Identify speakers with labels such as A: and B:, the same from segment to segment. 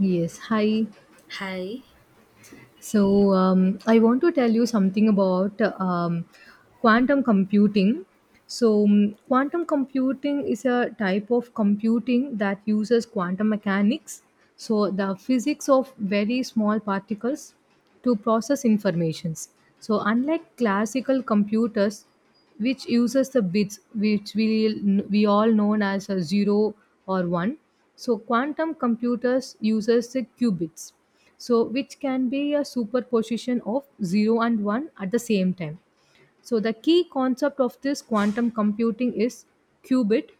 A: Yes, hi.
B: Hi.
A: So I want to tell you something about quantum computing. So, quantum computing is a type of computing that uses quantum mechanics, so the physics of very small particles, to process informations. So, unlike classical computers, which uses the bits which we all known as a zero or one, so quantum computers uses the qubits so which can be a superposition of 0 and 1 at the same time so the key concept of this quantum computing is qubit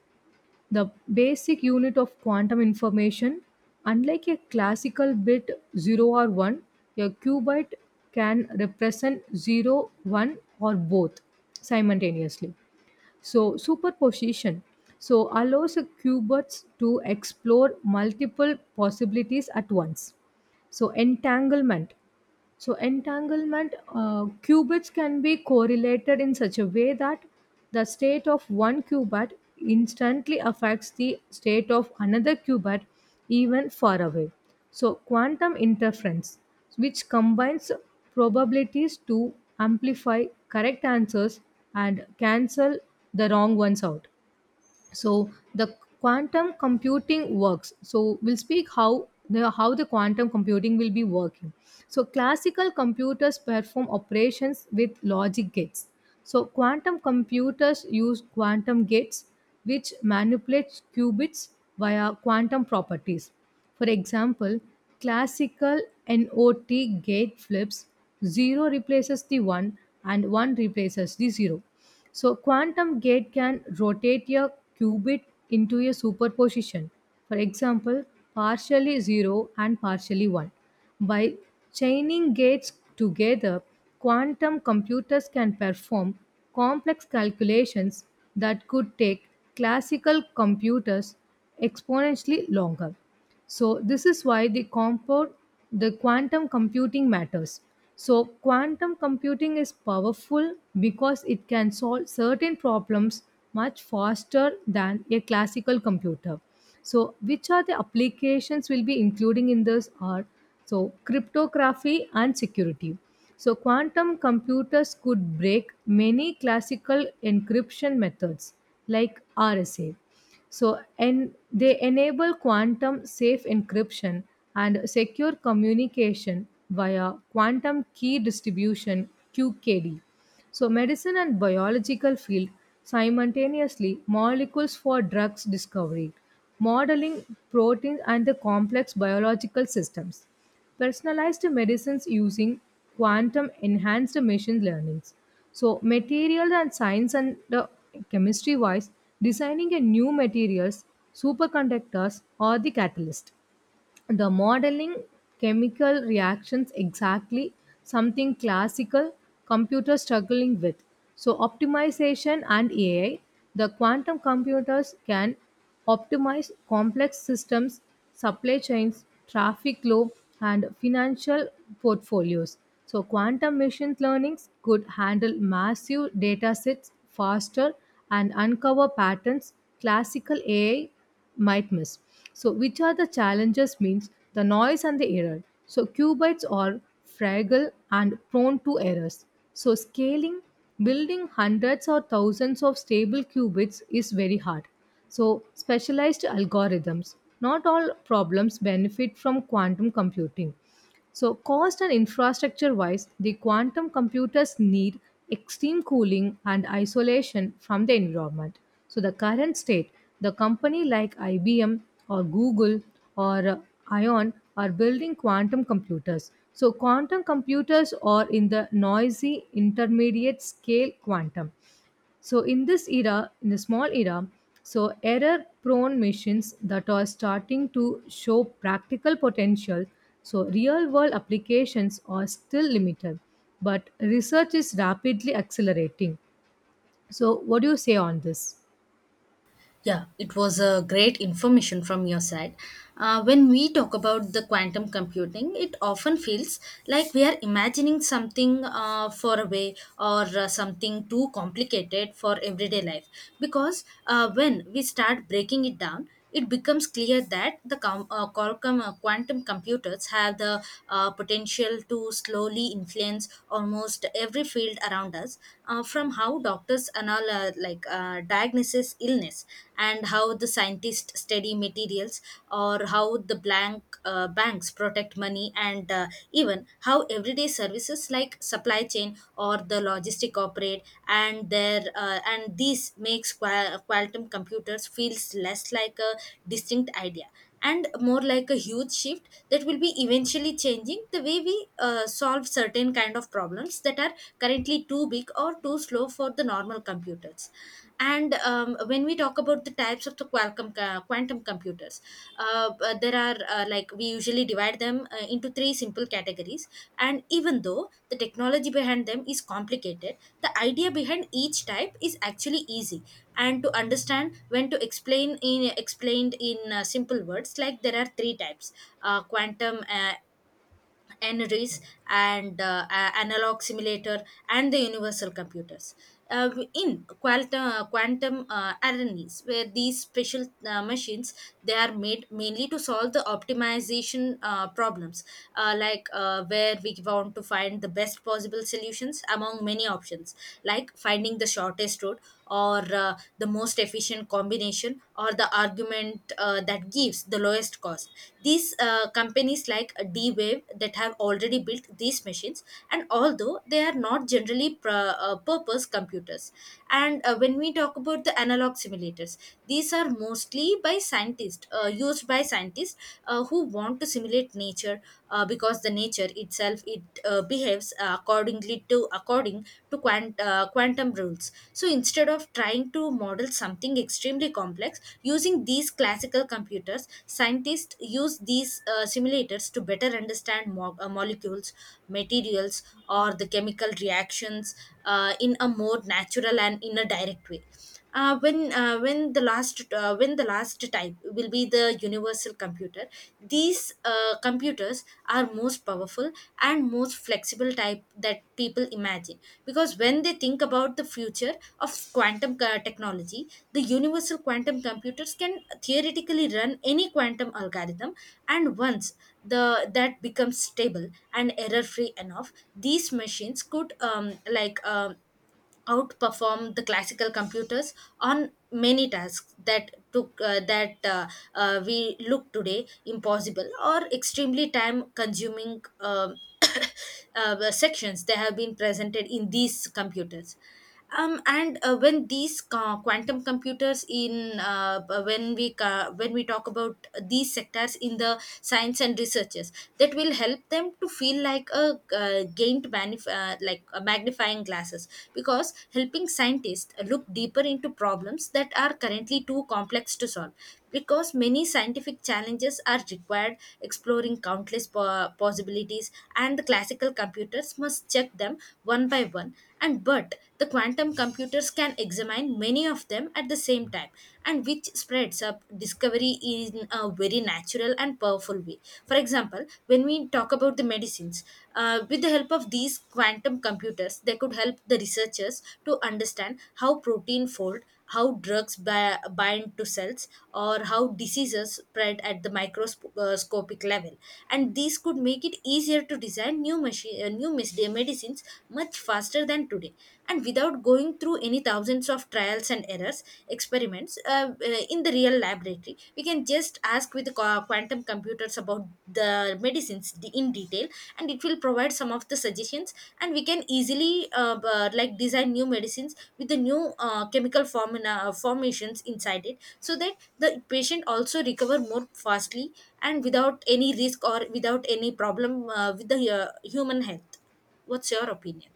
A: the basic unit of quantum information unlike a classical bit 0 or 1 a qubit can represent zero, one, or both simultaneously so superposition so allows a qubits to explore multiple possibilities at once so entanglement so, entanglement qubits can be correlated in such a way that the state of one qubit instantly affects the state of another qubit even far away. So, quantum interference, which combines probabilities to amplify correct answers and cancel the wrong ones out so the quantum computing works so we'll speak how the quantum computing will be working so classical computers perform operations with logic gates so quantum computers use quantum gates which manipulates qubits via quantum properties for example classical not gate flips 0 replaces the 1 and 1 replaces the 0 so quantum gate can rotate a qubit into a superposition. For example, partially 0 and partially 1. By chaining gates together, quantum computers can perform complex calculations that could take classical computers exponentially longer. So this is why the compound the quantum computing matters. So quantum computing is powerful because it can solve certain problems much faster than a classical computer. So which are the applications we'll be including in this are so cryptography and security. So quantum computers could break many classical encryption methods like RSA. So, and they enable quantum safe encryption and secure communication via quantum key distribution QKD. So, medicine and biological field simultaneously molecules for drugs discovery, modeling proteins and the complex biological systems personalized medicines using quantum enhanced machine learnings. So material and science and the chemistry wise, designing a new materials, superconductors or the catalyst the modeling chemical reactions exactly something classical computer struggling with so optimization and AI the quantum computers can optimize complex systems supply chains traffic flow and financial portfolios so quantum machine learnings could handle massive data sets faster and uncover patterns classical AI might miss. So, which are the challenges means the noise and the error. So, qubits are fragile and prone to errors. So, scaling, building hundreds or thousands of stable qubits is very hard. So, specialized algorithms. Not all problems benefit from quantum computing. So, cost and infrastructure wise, the quantum computers need extreme cooling and isolation from the environment. So, the current state, the company like IBM or Google or ION are building quantum computers. So, quantum computers are in the noisy intermediate scale quantum. So in this era, in the small era, so error-prone machines that are starting to show practical potential. So real-world applications are still limited, but research is rapidly accelerating. So what do you say on this?
B: Yeah, it was a great information from your side. When we talk about the quantum computing, it often feels like we are imagining something far away or something too complicated for everyday life. Because when we start breaking it down, it becomes clear that the com- qualcomm quantum computers have the potential to slowly influence almost every field around us, from how doctors diagnosis illness, and how the scientists study materials, or how the blank banks protect money, and even how everyday services like supply chain or the logistic operate and their and this makes quantum computers feels less like a distinct idea and more like a huge shift that will be eventually changing the way we solve certain kind of problems that are currently too big or too slow for the normal computers. And When we talk about the types of the qualcomm quantum computers, there are, like we usually divide them into three simple categories, and even though the technology behind them is complicated, the idea behind each type is actually easy and to understand when to explain in explained in simple words. Like there are three types: quantum, NRIs, and analog simulator, and the universal computers. In quantum, quantum RNAs, where these special machines, they are made mainly to solve the optimization problems, where we want to find the best possible solutions among many options, like finding the shortest route or the most efficient combination or the argument that gives the lowest cost. These companies like D Wave that have already built these machines, and although they are not generally purpose computers. And when we talk about the analog simulators, these are mostly by scientists, used by scientists who want to simulate nature because the nature itself, it behaves accordingly to do according to quantum rules. So instead of trying to model something extremely complex using these classical computers, scientists use these simulators to better understand molecules, materials, or the chemical reactions in a more natural and in a direct way. When the last type will be the universal computer, these computers are most powerful and most flexible type that people imagine, because when they think about the future of technology, the universal quantum computers can theoretically run any quantum algorithm. And once the that becomes stable and error free enough, these machines could outperform the classical computers on many tasks that took that we look today impossible or extremely time consuming, sections that have been presented in these computers. And When these quantum computers in b- when we ca- when we talk about these sectors in the science and researches, that will help them to feel like a magnifying glasses, because helping scientists look deeper into problems that are currently too complex to solve, because many scientific challenges are required exploring countless possibilities, and the classical computers must check them one by one, and but the quantum computers can examine many of them at the same time, and which spreads up discovery in a very natural and powerful way. For example, when we talk about the medicines, with the help of these quantum computers, they could help the researchers to understand how protein fold, how drugs bind to cells, or how diseases spread at the microscopic level. And these could make it easier to design new medicines much faster than today. And without going through any thousands of trials and errors, experiments in the real laboratory, we can just ask with quantum computers about the medicines in detail, and it will provide some of the suggestions, and we can easily design new medicines with the new chemical formula formations inside it, so that the patient also recover more fastly and without any risk or without any problem with the human health. What's your opinion?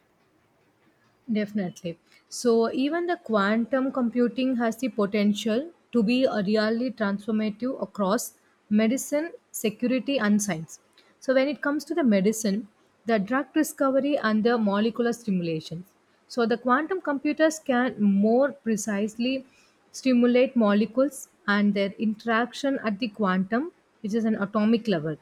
A: Definitely. So, even the quantum computing has the potential to be a really transformative across medicine, security, and science. So, when it comes to the medicine, the drug discovery and the molecular stimulations. So, the quantum computers can more precisely stimulate molecules and their interaction at the quantum, which is an atomic level.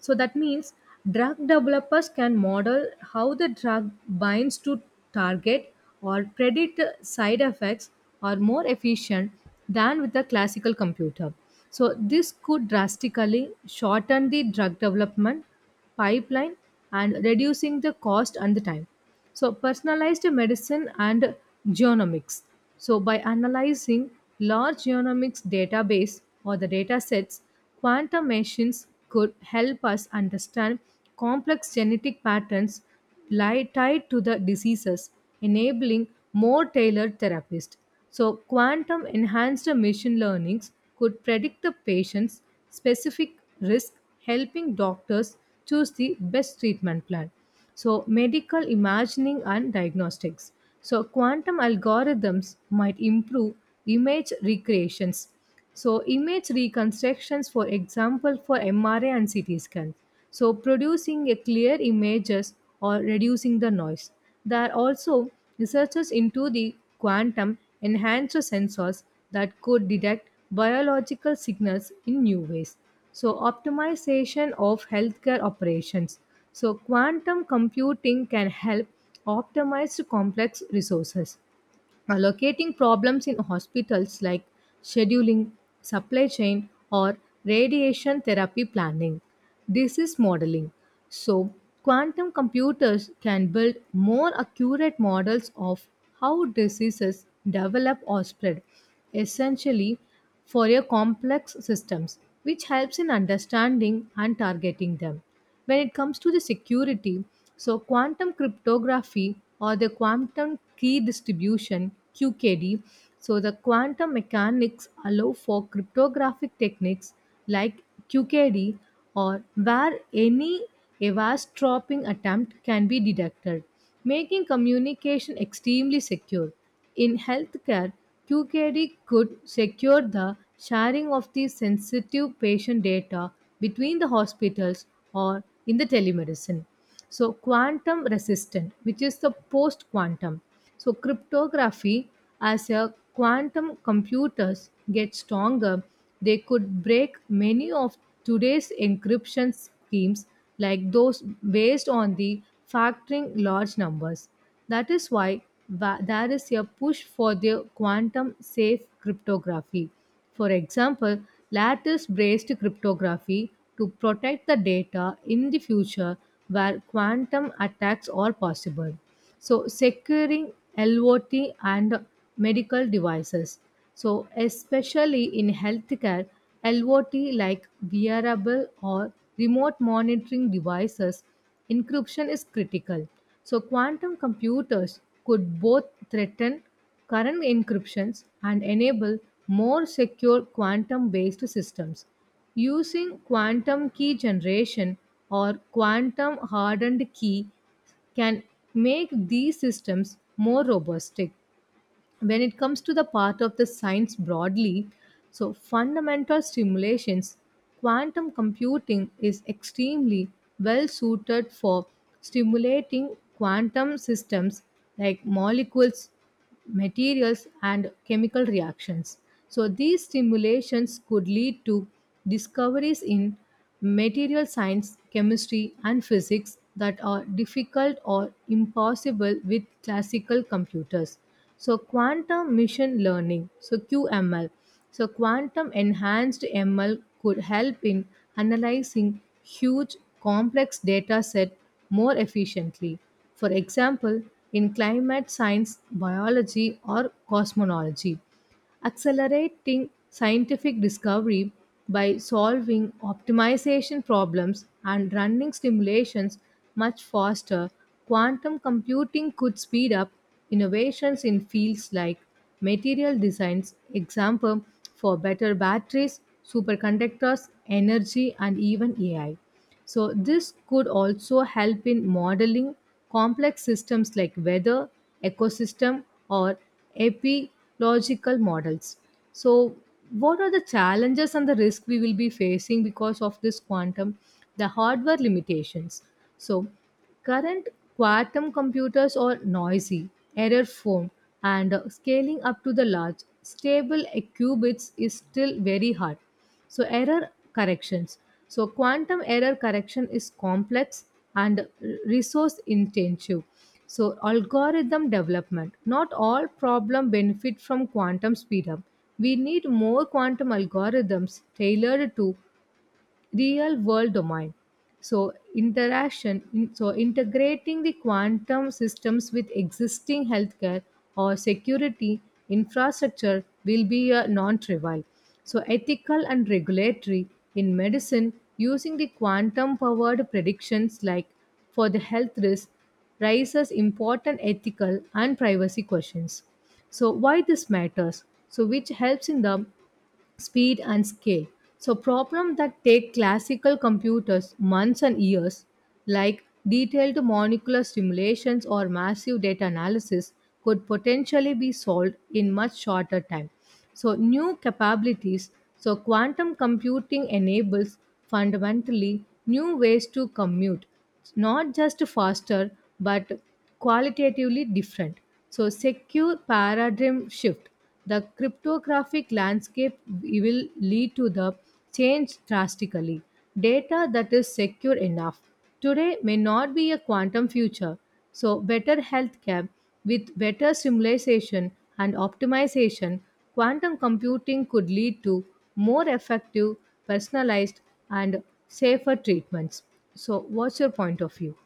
A: So that means drug developers can model how the drug binds to target or predict side effects are more efficient than with the classical computer. So this could drastically shorten the drug development pipeline and reducing the cost and the time. So, personalized medicine and genomics. So, by analyzing large genomics database or the data sets, quantum machines could help us understand complex genetic patterns tied to the diseases, enabling more tailored therapies. So, quantum enhanced machine learnings could predict the patient's specific risk, helping doctors choose the best treatment plan. So, medical imagining and diagnostics. So, quantum algorithms might improve image recreations. So, image reconstructions, for example, for MRI and CT scan. So, producing a clear images or reducing the noise. There are also researchers into the quantum enhancer sensors that could detect biological signals in new ways. So, optimization of healthcare operations. So, quantum computing can help optimize complex resources. Allocating problems in hospitals like scheduling, supply chain, or radiation therapy planning. Disease modeling. So, quantum computers can build more accurate models of how diseases develop or spread, essentially for your complex systems, which helps in understanding and targeting them when it comes to the security so quantum cryptography or the quantum key distribution QKD so the quantum mechanics allow for cryptographic techniques like QKD or where any eavesdropping attempt can be detected making communication extremely secure. In healthcare, QKD could secure the sharing of the sensitive patient data between the hospitals or in the telemedicine. So, quantum resistant, which is the post quantum. So cryptography as a quantum computers get stronger, they could break many of today's encryption schemes like those based on the factoring large numbers. That is why there is a push for the quantum safe cryptography for example, lattice based cryptography to protect the data in the future where quantum attacks are possible. So, securing LOT and medical devices. So, especially in healthcare, LOT like wearable or remote monitoring devices, encryption is critical. So, quantum computers could both threaten current encryptions and enable more secure quantum based systems. Using quantum key generation or quantum hardened key can make these systems more robust when it comes to the part of the science broadly so fundamental simulations quantum computing is extremely well suited for stimulating quantum systems like molecules materials and chemical reactions so these stimulations could lead to discoveries in material science chemistry and physics that are difficult or impossible with classical computers so quantum machine learning so QML so quantum enhanced ML could help in analyzing huge complex data set more efficiently for example in climate science biology or cosmology accelerating scientific discovery by solving optimization problems and running simulations much faster, quantum computing could speed up innovations in fields like material designs, example for better batteries, superconductors, energy, and even AI. So, this could also help in modeling complex systems like weather, ecosystem, or epidemiological models. So, what are the challenges and the risk we will be facing because of this quantum? The hardware limitations. So, current quantum computers are noisy, error prone, and scaling up to the large, stable qubits is still very hard. So, error corrections. So, quantum error correction is complex and resource intensive. So, algorithm development. Not all problem benefit from quantum speedup. We need more quantum algorithms tailored to real world domain so so integrating the quantum systems with existing healthcare or security infrastructure will be a non-trivial so ethical and regulatory in medicine using the quantum powered predictions like for the health risk raises important ethical and privacy questions so why this matters so which helps in the speed and scale. So problems that take classical computers months and years, like detailed molecular simulations or massive data analysis, could potentially be solved in much shorter time. So new capabilities, so quantum computing enables fundamentally new ways to commute, not just faster but qualitatively different. So secure paradigm shift. The cryptographic landscape will lead to the change drastically. Data that is secure enough today may not be a quantum future. So, better healthcare with better simulation and optimization, quantum computing could lead to more effective, personalized, and safer treatments. So, what's your point of view?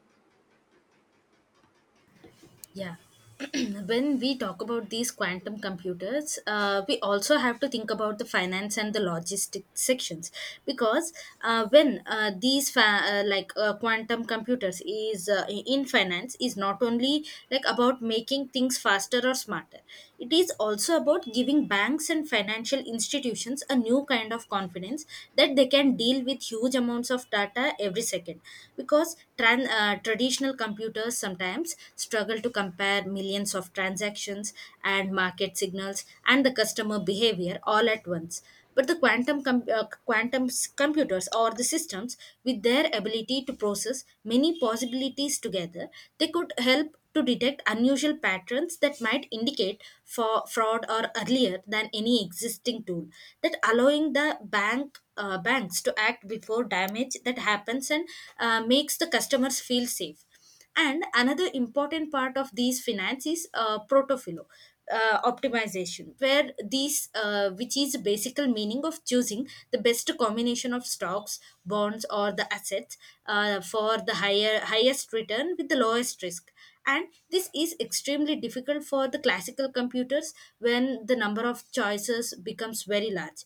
B: Yeah. When we talk about these quantum computers, we also have to think about the finance and the logistic sections, because when these quantum computers is in finance is not only like about making things faster or smarter. It is also about giving banks and financial institutions a new kind of confidence that they can deal with huge amounts of data every second, because traditional computers sometimes struggle to compare millions of transactions and market signals and the customer behavior all at once. But the quantum computers or the systems, with their ability to process many possibilities together, they could help to detect unusual patterns that might indicate for fraud or earlier than any existing tool, that allowing the banks to act before damage that happens, and makes the customers feel safe. And another important part of these finance is protofilo optimization, where these which is the basic meaning of choosing the best combination of stocks, bonds, or the assets for the higher highest return with the lowest risk. And this is extremely difficult for the classical computers when the number of choices becomes very large,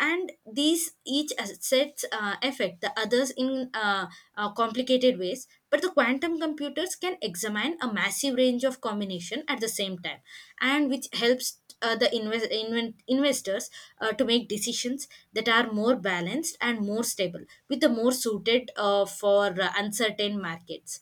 B: and these each assets affect the others in complicated ways, but the quantum computers can examine a massive range of combination at the same time, and which helps the investors to make decisions that are more balanced and more stable, with the more suited for uncertain markets.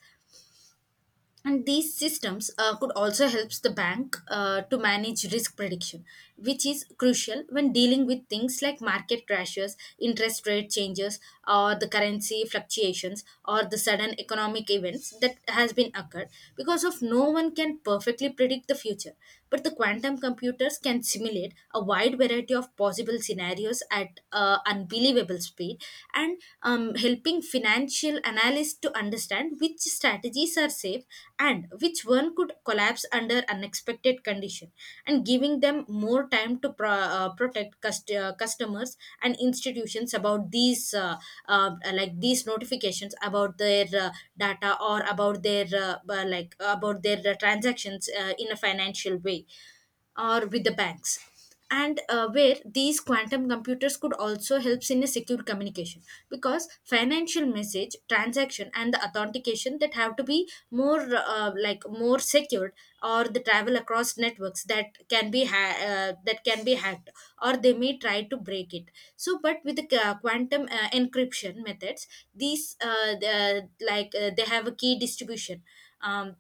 B: And these systems could also help the bank to manage risk prediction, which is crucial when dealing with things like market crashes, interest rate changes, or the currency fluctuations, or the sudden economic events that has been occurred. Because of no one can perfectly predict the future, but the quantum computers can simulate a wide variety of possible scenarios at unbelievable speed, and helping financial analysts to understand which strategies are safe and which one could collapse under unexpected condition, and giving them more time to protect customers and institutions about these uh, like these notifications about their data or about their transactions in a financial way or with the banks. And where these quantum computers could also helps in a secure communication, because financial message transaction and the authentication that have to be more more secured, or the travel across networks that can be that can be hacked, or they may try to break it. So but with the quantum encryption methods, these they have a key distribution, um,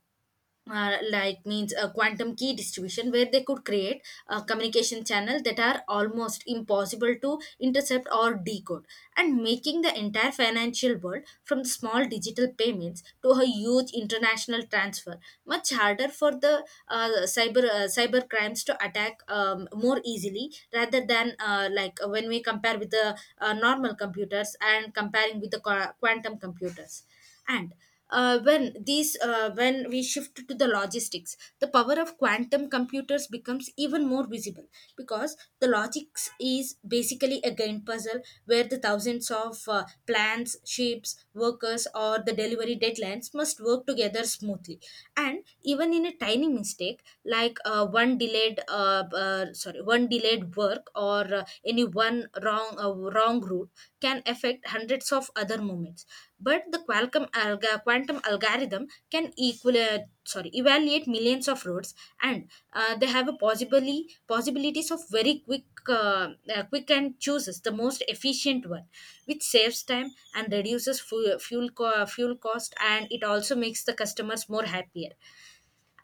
B: means a quantum key distribution, where they could create a communication channel that are almost impossible to intercept or decode, and making the entire financial world, from the small digital payments to a huge international transfer, much harder for the cyber crimes to attack, more easily rather than when we compare with the normal computers and comparing with the quantum computers. And when we shift to the logistics, the power of quantum computers becomes even more visible, because the logics is basically a game puzzle where the thousands of plans, ships, workers, or the delivery deadlines must work together smoothly, and even in a tiny mistake like one delayed work, or any one wrong wrong route can affect hundreds of other moments. But the quantum algorithm can evaluate millions of roads, and they have a possibly possibilities of very quick and chooses the most efficient one, which saves time and reduces fuel fuel cost, and it also makes the customers more happier.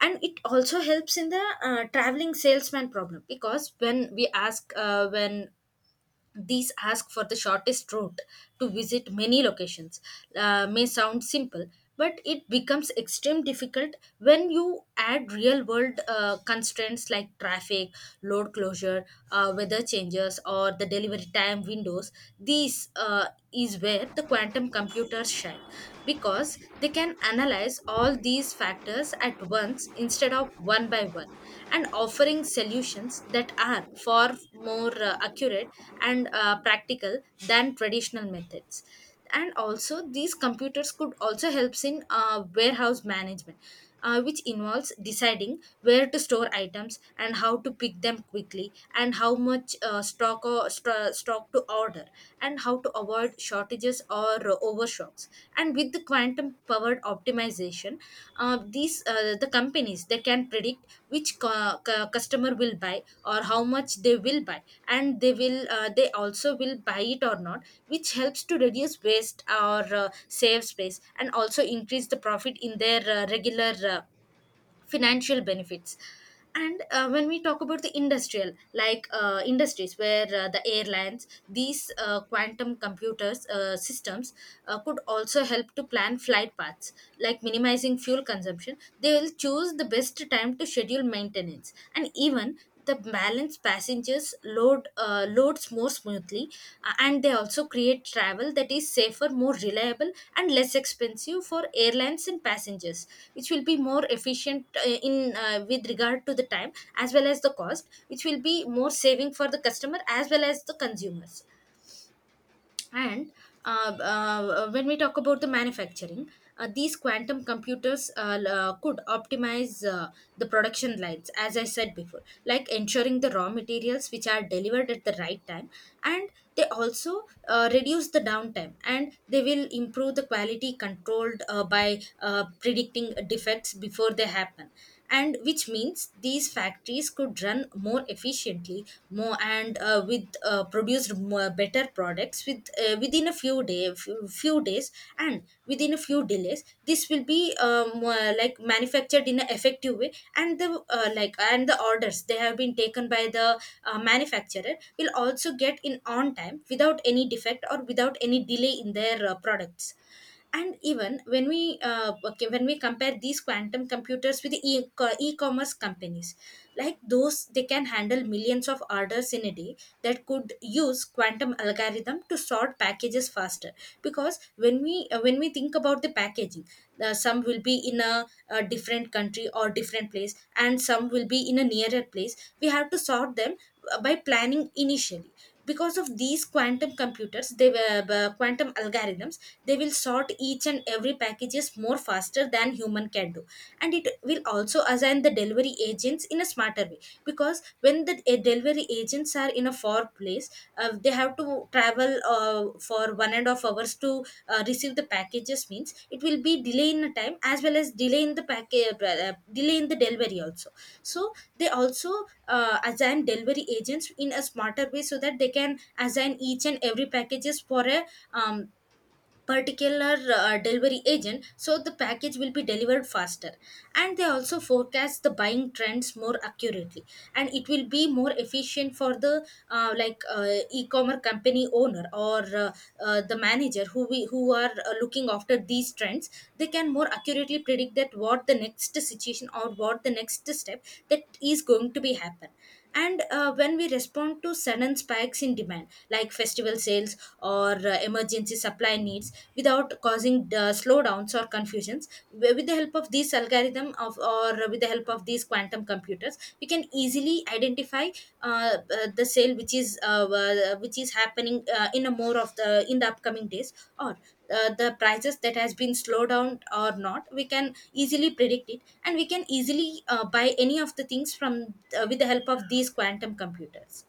B: And it also helps in the traveling salesman problem, because when these ask for the shortest route to visit many locations. May sound simple, but it becomes extreme difficult when you add real world constraints like traffic, load closure, weather changes, or the delivery time windows. These is where the quantum computers shine because they can analyze all these factors at once instead of one by one and offering solutions that are far more accurate and practical than traditional methods. And also these computers could also helps in warehouse management, which involves deciding where to store items and how to pick them quickly and how much stock to order and how to avoid shortages or overstocks. And with the quantum powered optimization, the companies they can predict which customer will buy or how much they will buy and they will they also will buy it or not, which helps to reduce waste or save space and also increase the profit in their regular financial benefits. And when we talk about the industrial, like industries where the airlines, these quantum computers systems could also help to plan flight paths, like minimizing fuel consumption. They will choose the best time to schedule maintenance and even the balance passengers load loads more smoothly. And they also create travel that is safer, more reliable and less expensive for airlines and passengers, which will be more efficient in with regard to the time as well as the cost, which will be more saving for the customer as well as the consumers. And when we talk about the manufacturing, these quantum computers could optimize the production lines, as I said before, like ensuring the raw materials which are delivered at the right time. And they also reduce the downtime and they will improve the quality controlled by predicting defects before they happen. And which means these factories could run more efficiently more and with produced more better products with within a few days and within a few delays. This will be like manufactured in an effective way, and the like and the orders they have been taken by the manufacturer will also get in on time without any defect or without any delay in their products. And even when we when we compare these quantum computers with the e-commerce companies, like those, they can handle millions of orders in a day, that could use quantum algorithm to sort packages faster. Because when we think about the packaging, some will be in a different country or different place and some will be in a nearer place. We have to sort them by planning initially, because of these quantum computers, they were quantum algorithms, they will sort each and every packages more faster than human can do. And it will also assign the delivery agents in a smarter way, because when the delivery agents are in a far place, they have to travel for 1.5 hours to receive the packages, means it will be delay in the time as well as delay in the package delay in the delivery also. So they also assign delivery agents in a smarter way so that they can assign each and every packages for a um, particular delivery agent, so the package will be delivered faster. And they also forecast the buying trends more accurately, and it will be more efficient for the e-commerce company owner or the manager who are looking after these trends. They can more accurately predict that what the next situation or what the next step that is going to be happen. And when we respond to sudden spikes in demand like festival sales or emergency supply needs without causing slowdowns or confusions. With the help of these algorithm of or with the help of these quantum computers, we can easily identify the sale which is happening in a more of the in the upcoming days, or the prices that has been slowed down or not, we can easily predict it and we can easily buy any of the things from with the help of these quantum computers.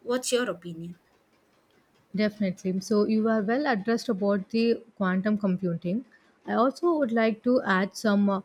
B: What's your opinion?
A: Definitely. So you are well addressed about the quantum computing. I also would like to add some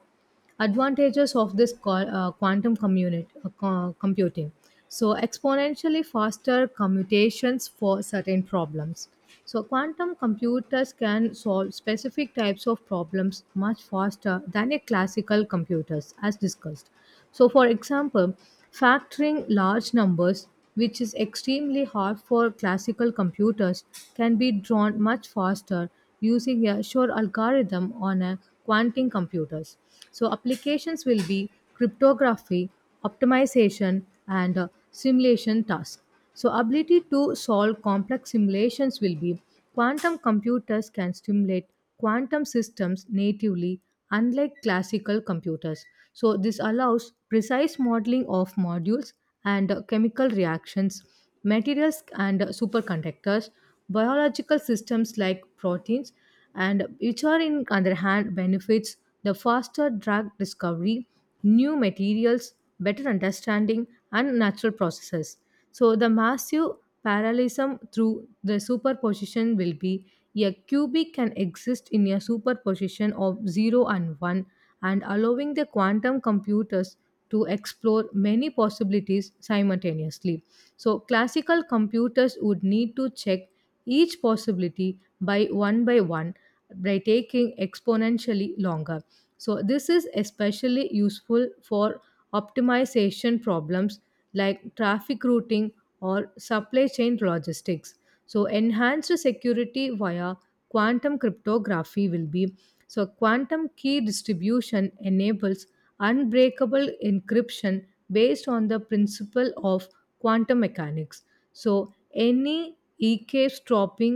A: advantages of this quantum computing. So exponentially faster commutations for certain problems. So quantum computers can solve specific types of problems much faster than a classical computers as discussed. So for example, factoring large numbers which is extremely hard for classical computers, can be drawn much faster using a sure algorithm on a quantum computers. So applications will be cryptography, optimization, and simulation tasks. So ability to solve complex simulations will be quantum computers can simulate quantum systems natively unlike classical computers. So this allows precise modeling of modules and chemical reactions, materials and superconductors, biological systems like proteins, and which are in other hand benefits the faster drug discovery, new materials, better understanding, and natural processes. So the massive parallelism through the superposition will be a cubic can exist in a superposition of 0 and 1 and allowing the quantum computers to explore many possibilities simultaneously. So, classical computers would need to check each possibility by one by one by taking exponentially longer. So, this is especially useful for optimization problems like traffic routing or supply chain logistics. So enhanced security via quantum cryptography will be so quantum key distribution enables unbreakable encryption based on the principle of quantum mechanics. So any eavesdropping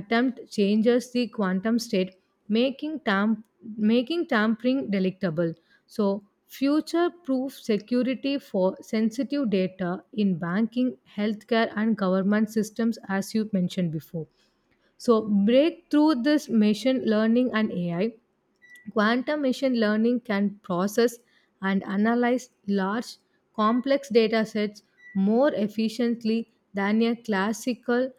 A: attempt changes the quantum state, making making tampering delectable. So future-proof security for sensitive data in banking, healthcare, and government systems, as you mentioned before. So, break through this machine learning and AI. Quantum machine learning can process and analyze large, complex data sets more efficiently than a classical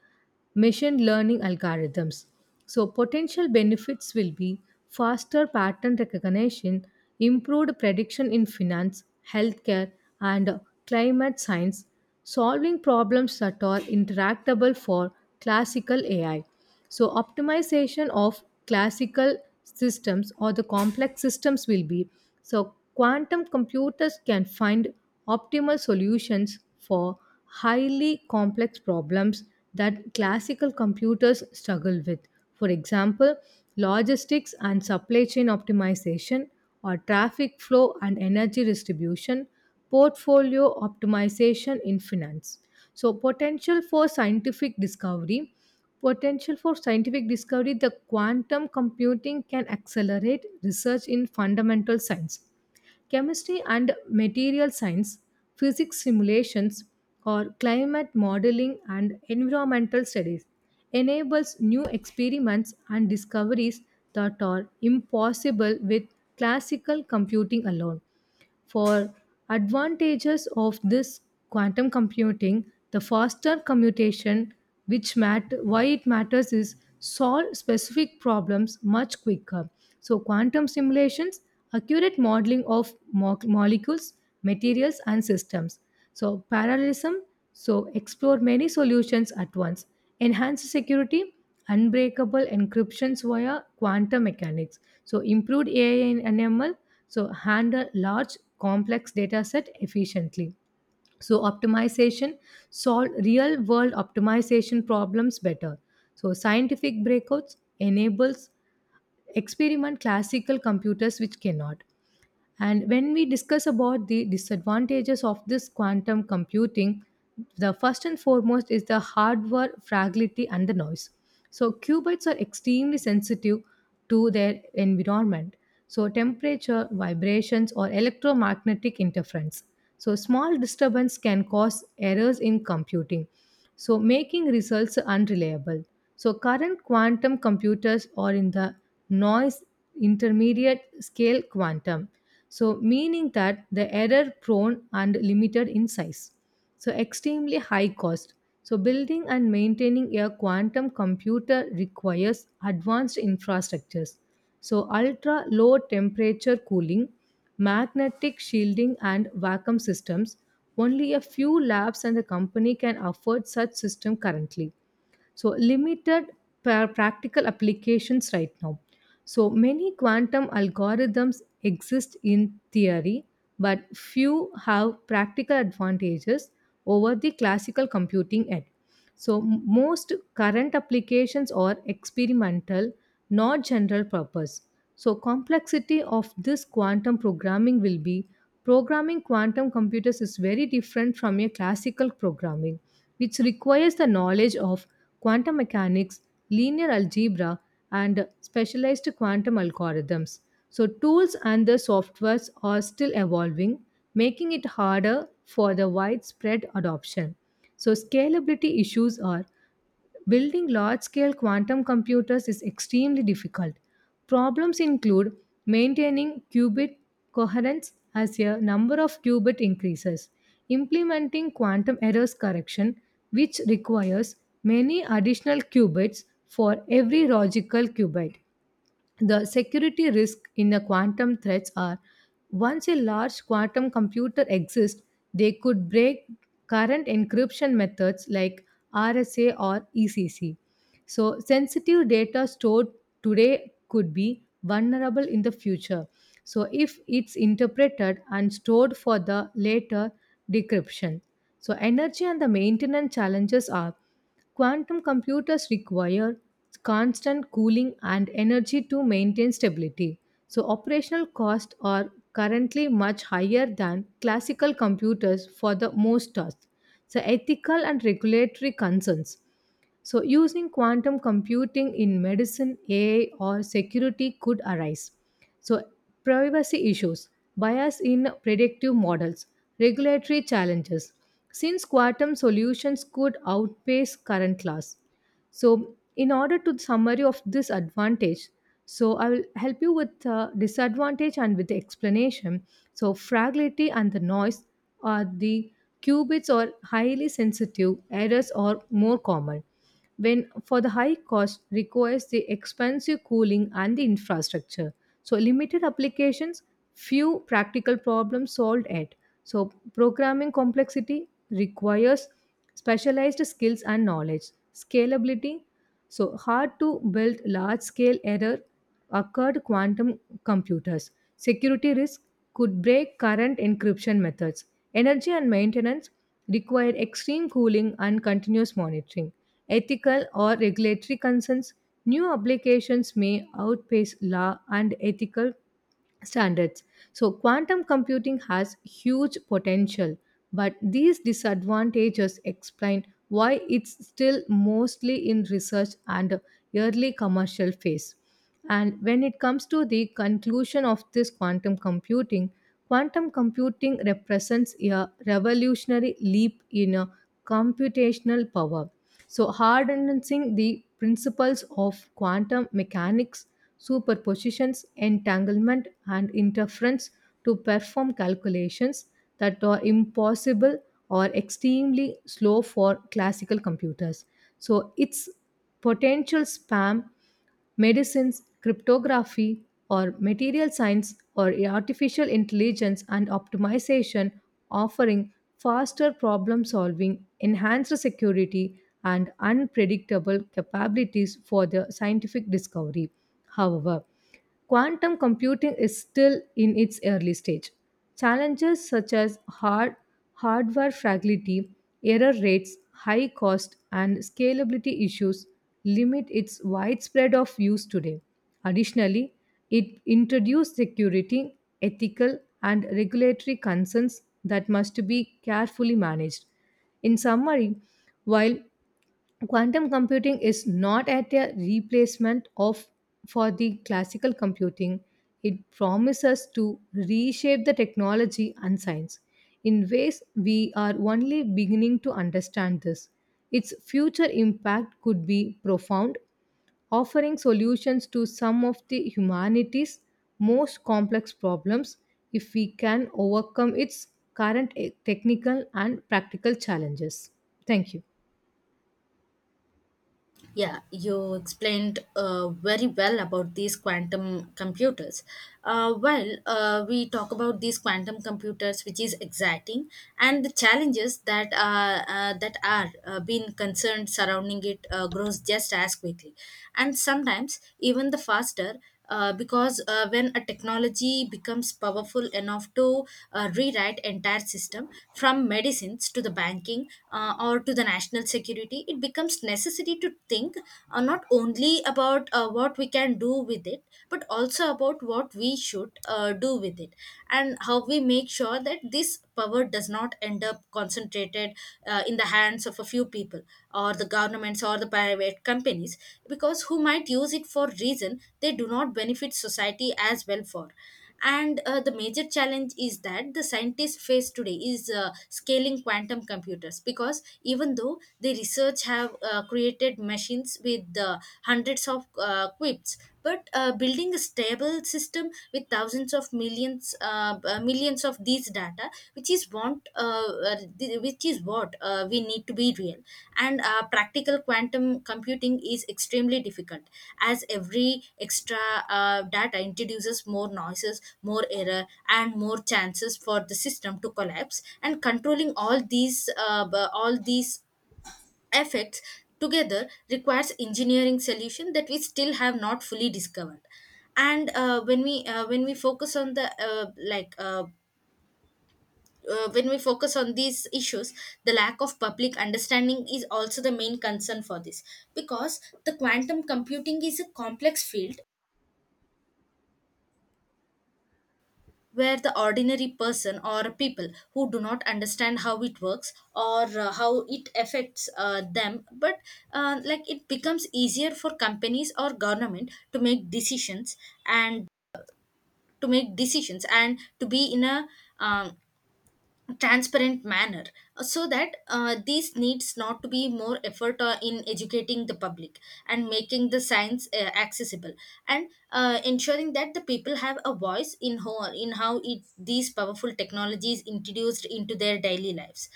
A: machine learning algorithms. So, potential benefits will be faster pattern recognition, improved prediction in finance, healthcare, and climate science, solving problems that are interactable for classical AI. So optimization of classical systems or the complex systems will be so quantum computers can find optimal solutions for highly complex problems that classical computers struggle with. For example, logistics and supply chain optimization or traffic flow and energy distribution portfolio optimization in finance. So, potential for scientific discovery. Potential for scientific discovery, the quantum computing can accelerate research in fundamental science, chemistry and material science, physics simulations, or climate modeling and environmental studies, enables new experiments and discoveries that are impossible with classical computing alone. For advantages of this quantum computing, the faster commutation which why it matters is solve specific problems much quicker. So quantum simulations, accurate modeling of molecules, materials and systems. So parallelism, so explore many solutions at once enhanced security unbreakable encryptions via quantum mechanics so improved ai and ml so handle large complex data set efficiently so optimization solve real world optimization problems better so scientific breakouts enables experiment classical computers which cannot. And when we discuss about the disadvantages of this quantum computing, the first and foremost is the hardware fragility and the noise. So qubits are extremely sensitive to their environment. So temperature, vibrations or electromagnetic interference. So small disturbance can cause errors in computing so making results unreliable. So current quantum computers are in the noise intermediate scale quantum, so meaning that the error prone and limited in size. So extremely high cost. So building and maintaining a quantum computer requires advanced infrastructures. So ultra low temperature cooling, magnetic shielding and vacuum systems only a few labs and the company can afford such system currently. So limited practical applications right now. So many quantum algorithms exist in theory, but few have practical advantages over the classical computing ed. So most current applications are experimental not general purpose. So, complexity of this quantum programming will be programming quantum computers is very different from your classical programming, which requires the knowledge of quantum mechanics, linear algebra, and specialized quantum algorithms. So, tools and the softwares are still evolving, making it harder for the widespread adoption. So, scalability issues are building large scale quantum computers is extremely difficult. Problems include maintaining qubit coherence as a number of qubit increases, implementing quantum errors correction, which requires many additional qubits for every logical qubit, the security risk in the quantum threats are once a large quantum computer exists, they could break current encryption methods like RSA or ECC. So, sensitive data stored today could be vulnerable in the future. So, if it's interpreted and stored for the later decryption. So, energy and the maintenance challenges are quantum computers require constant cooling and energy to maintain stability, so operational costs are currently much higher than classical computers for the most tasks. So ethical and regulatory concerns. So, using quantum computing in medicine, AI, or security could arise. So, privacy issues, bias in predictive models, regulatory challenges, since quantum solutions could outpace current class. So, in order to summary of this advantage, so I will help you with disadvantage and with the explanation. So, fragility and the noise are the qubits are highly sensitive, errors are more common when for the high cost requires the expensive cooling and the infrastructure. So limited applications, few practical problems solved at. So programming complexity requires specialized skills and knowledge. Scalability so, hard to build large scale error occurred quantum computers. Security risk could break current encryption methods. Energy and maintenance required extreme cooling and continuous monitoring. Ethical or regulatory concerns, new applications may outpace law and ethical standards. So, quantum computing has huge potential, but these disadvantages explain why it's still mostly in research and early commercial phase. And when it comes to the conclusion of this quantum computing represents a revolutionary leap in computational power. So, harnessing the principles of quantum mechanics superpositions, entanglement, and interference to perform calculations that are impossible or extremely slow for classical computers. So, its potential spam medicines, cryptography, or material science or artificial intelligence and optimization, offering faster problem solving, enhanced security, and unpredictable capabilities for the scientific discovery. However, quantum computing is still in its early stage. Challenges such as hardware fragility, error rates, high cost, and scalability issues limit its widespread of use today. Additionally, it introduced security, ethical, and regulatory concerns that must be carefully managed. In summary, while quantum computing is not at a replacement of for the classical computing, it promises to reshape the technology and science in ways we are only beginning to understand this its future impact could be profound offering solutions to some of the humanity's most complex problems if we can overcome its current technical and practical challenges. Thank you.
B: Yeah, you explained very well about these quantum computers. We talk about these quantum computers, which is exciting, and the challenges that that are being concerned surrounding it grows just as quickly, and sometimes even the faster, because when a technology becomes powerful enough to rewrite entire system from medicines to the banking or to the national security, it becomes necessary to think not only about what we can do with it, but also about what we should do with it, and how we make sure that this power does not end up concentrated in the hands of a few people or the governments or the private companies, because who might use it for reason they do not benefit society as well for. And the major challenge is that the scientists face today is scaling quantum computers, because even though the research have created machines with hundreds of quips, but building a stable system with thousands of millions millions of these data which is want which is what we need to be real and practical quantum computing is extremely difficult, as every extra data introduces more noises, more error and more chances for the system to collapse. And controlling all these all these effects together requires engineering solution that we still have not fully discovered. And when we focus on the when we focus on these issues, the lack of public understanding is also the main concern for this, because the quantum computing is a complex field where the ordinary person or people who do not understand how it works or how it affects them, but like it becomes easier for companies or government to make decisions and to make decisions and to be in a um, transparent manner. So that these needs not to be more effort in educating the public and making the science accessible, and ensuring that the people have a voice in how it, these powerful technologies introduced into their daily lives.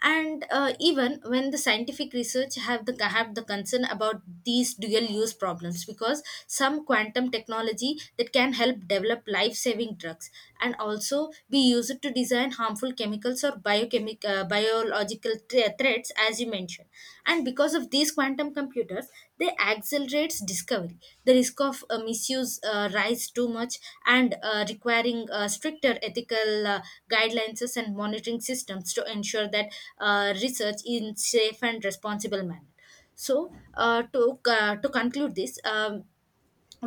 B: And even when the scientific research have the concern about these dual use problems, because some quantum technology that can help develop life saving drugs and also be used to design harmful chemicals or biochemic biological threats as you mentioned. And because of these quantum computers, they accelerates discovery, the risk of misuse rise too much, and requiring stricter ethical guidelines and monitoring systems to ensure that research in safe and responsible manner. So to conclude this,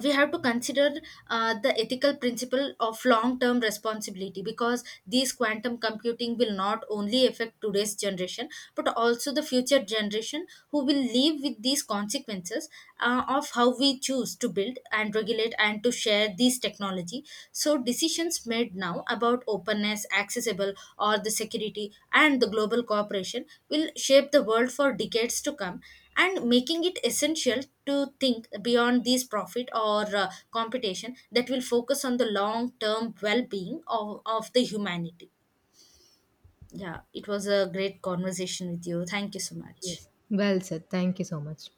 B: we have to consider the ethical principle of long term responsibility, because these quantum computing will not only affect today's generation but also the future generation who will live with these consequences of how we choose to build and regulate and to share these technology. So decisions made now about openness, accessible or the security and the global cooperation will shape the world for decades to come, and making it essential to think beyond these profit or competition that will focus on the long term well being of the humanity. Yeah, it was a great conversation with you. Thank you so much.
A: Yes. Well said. Thank you so much.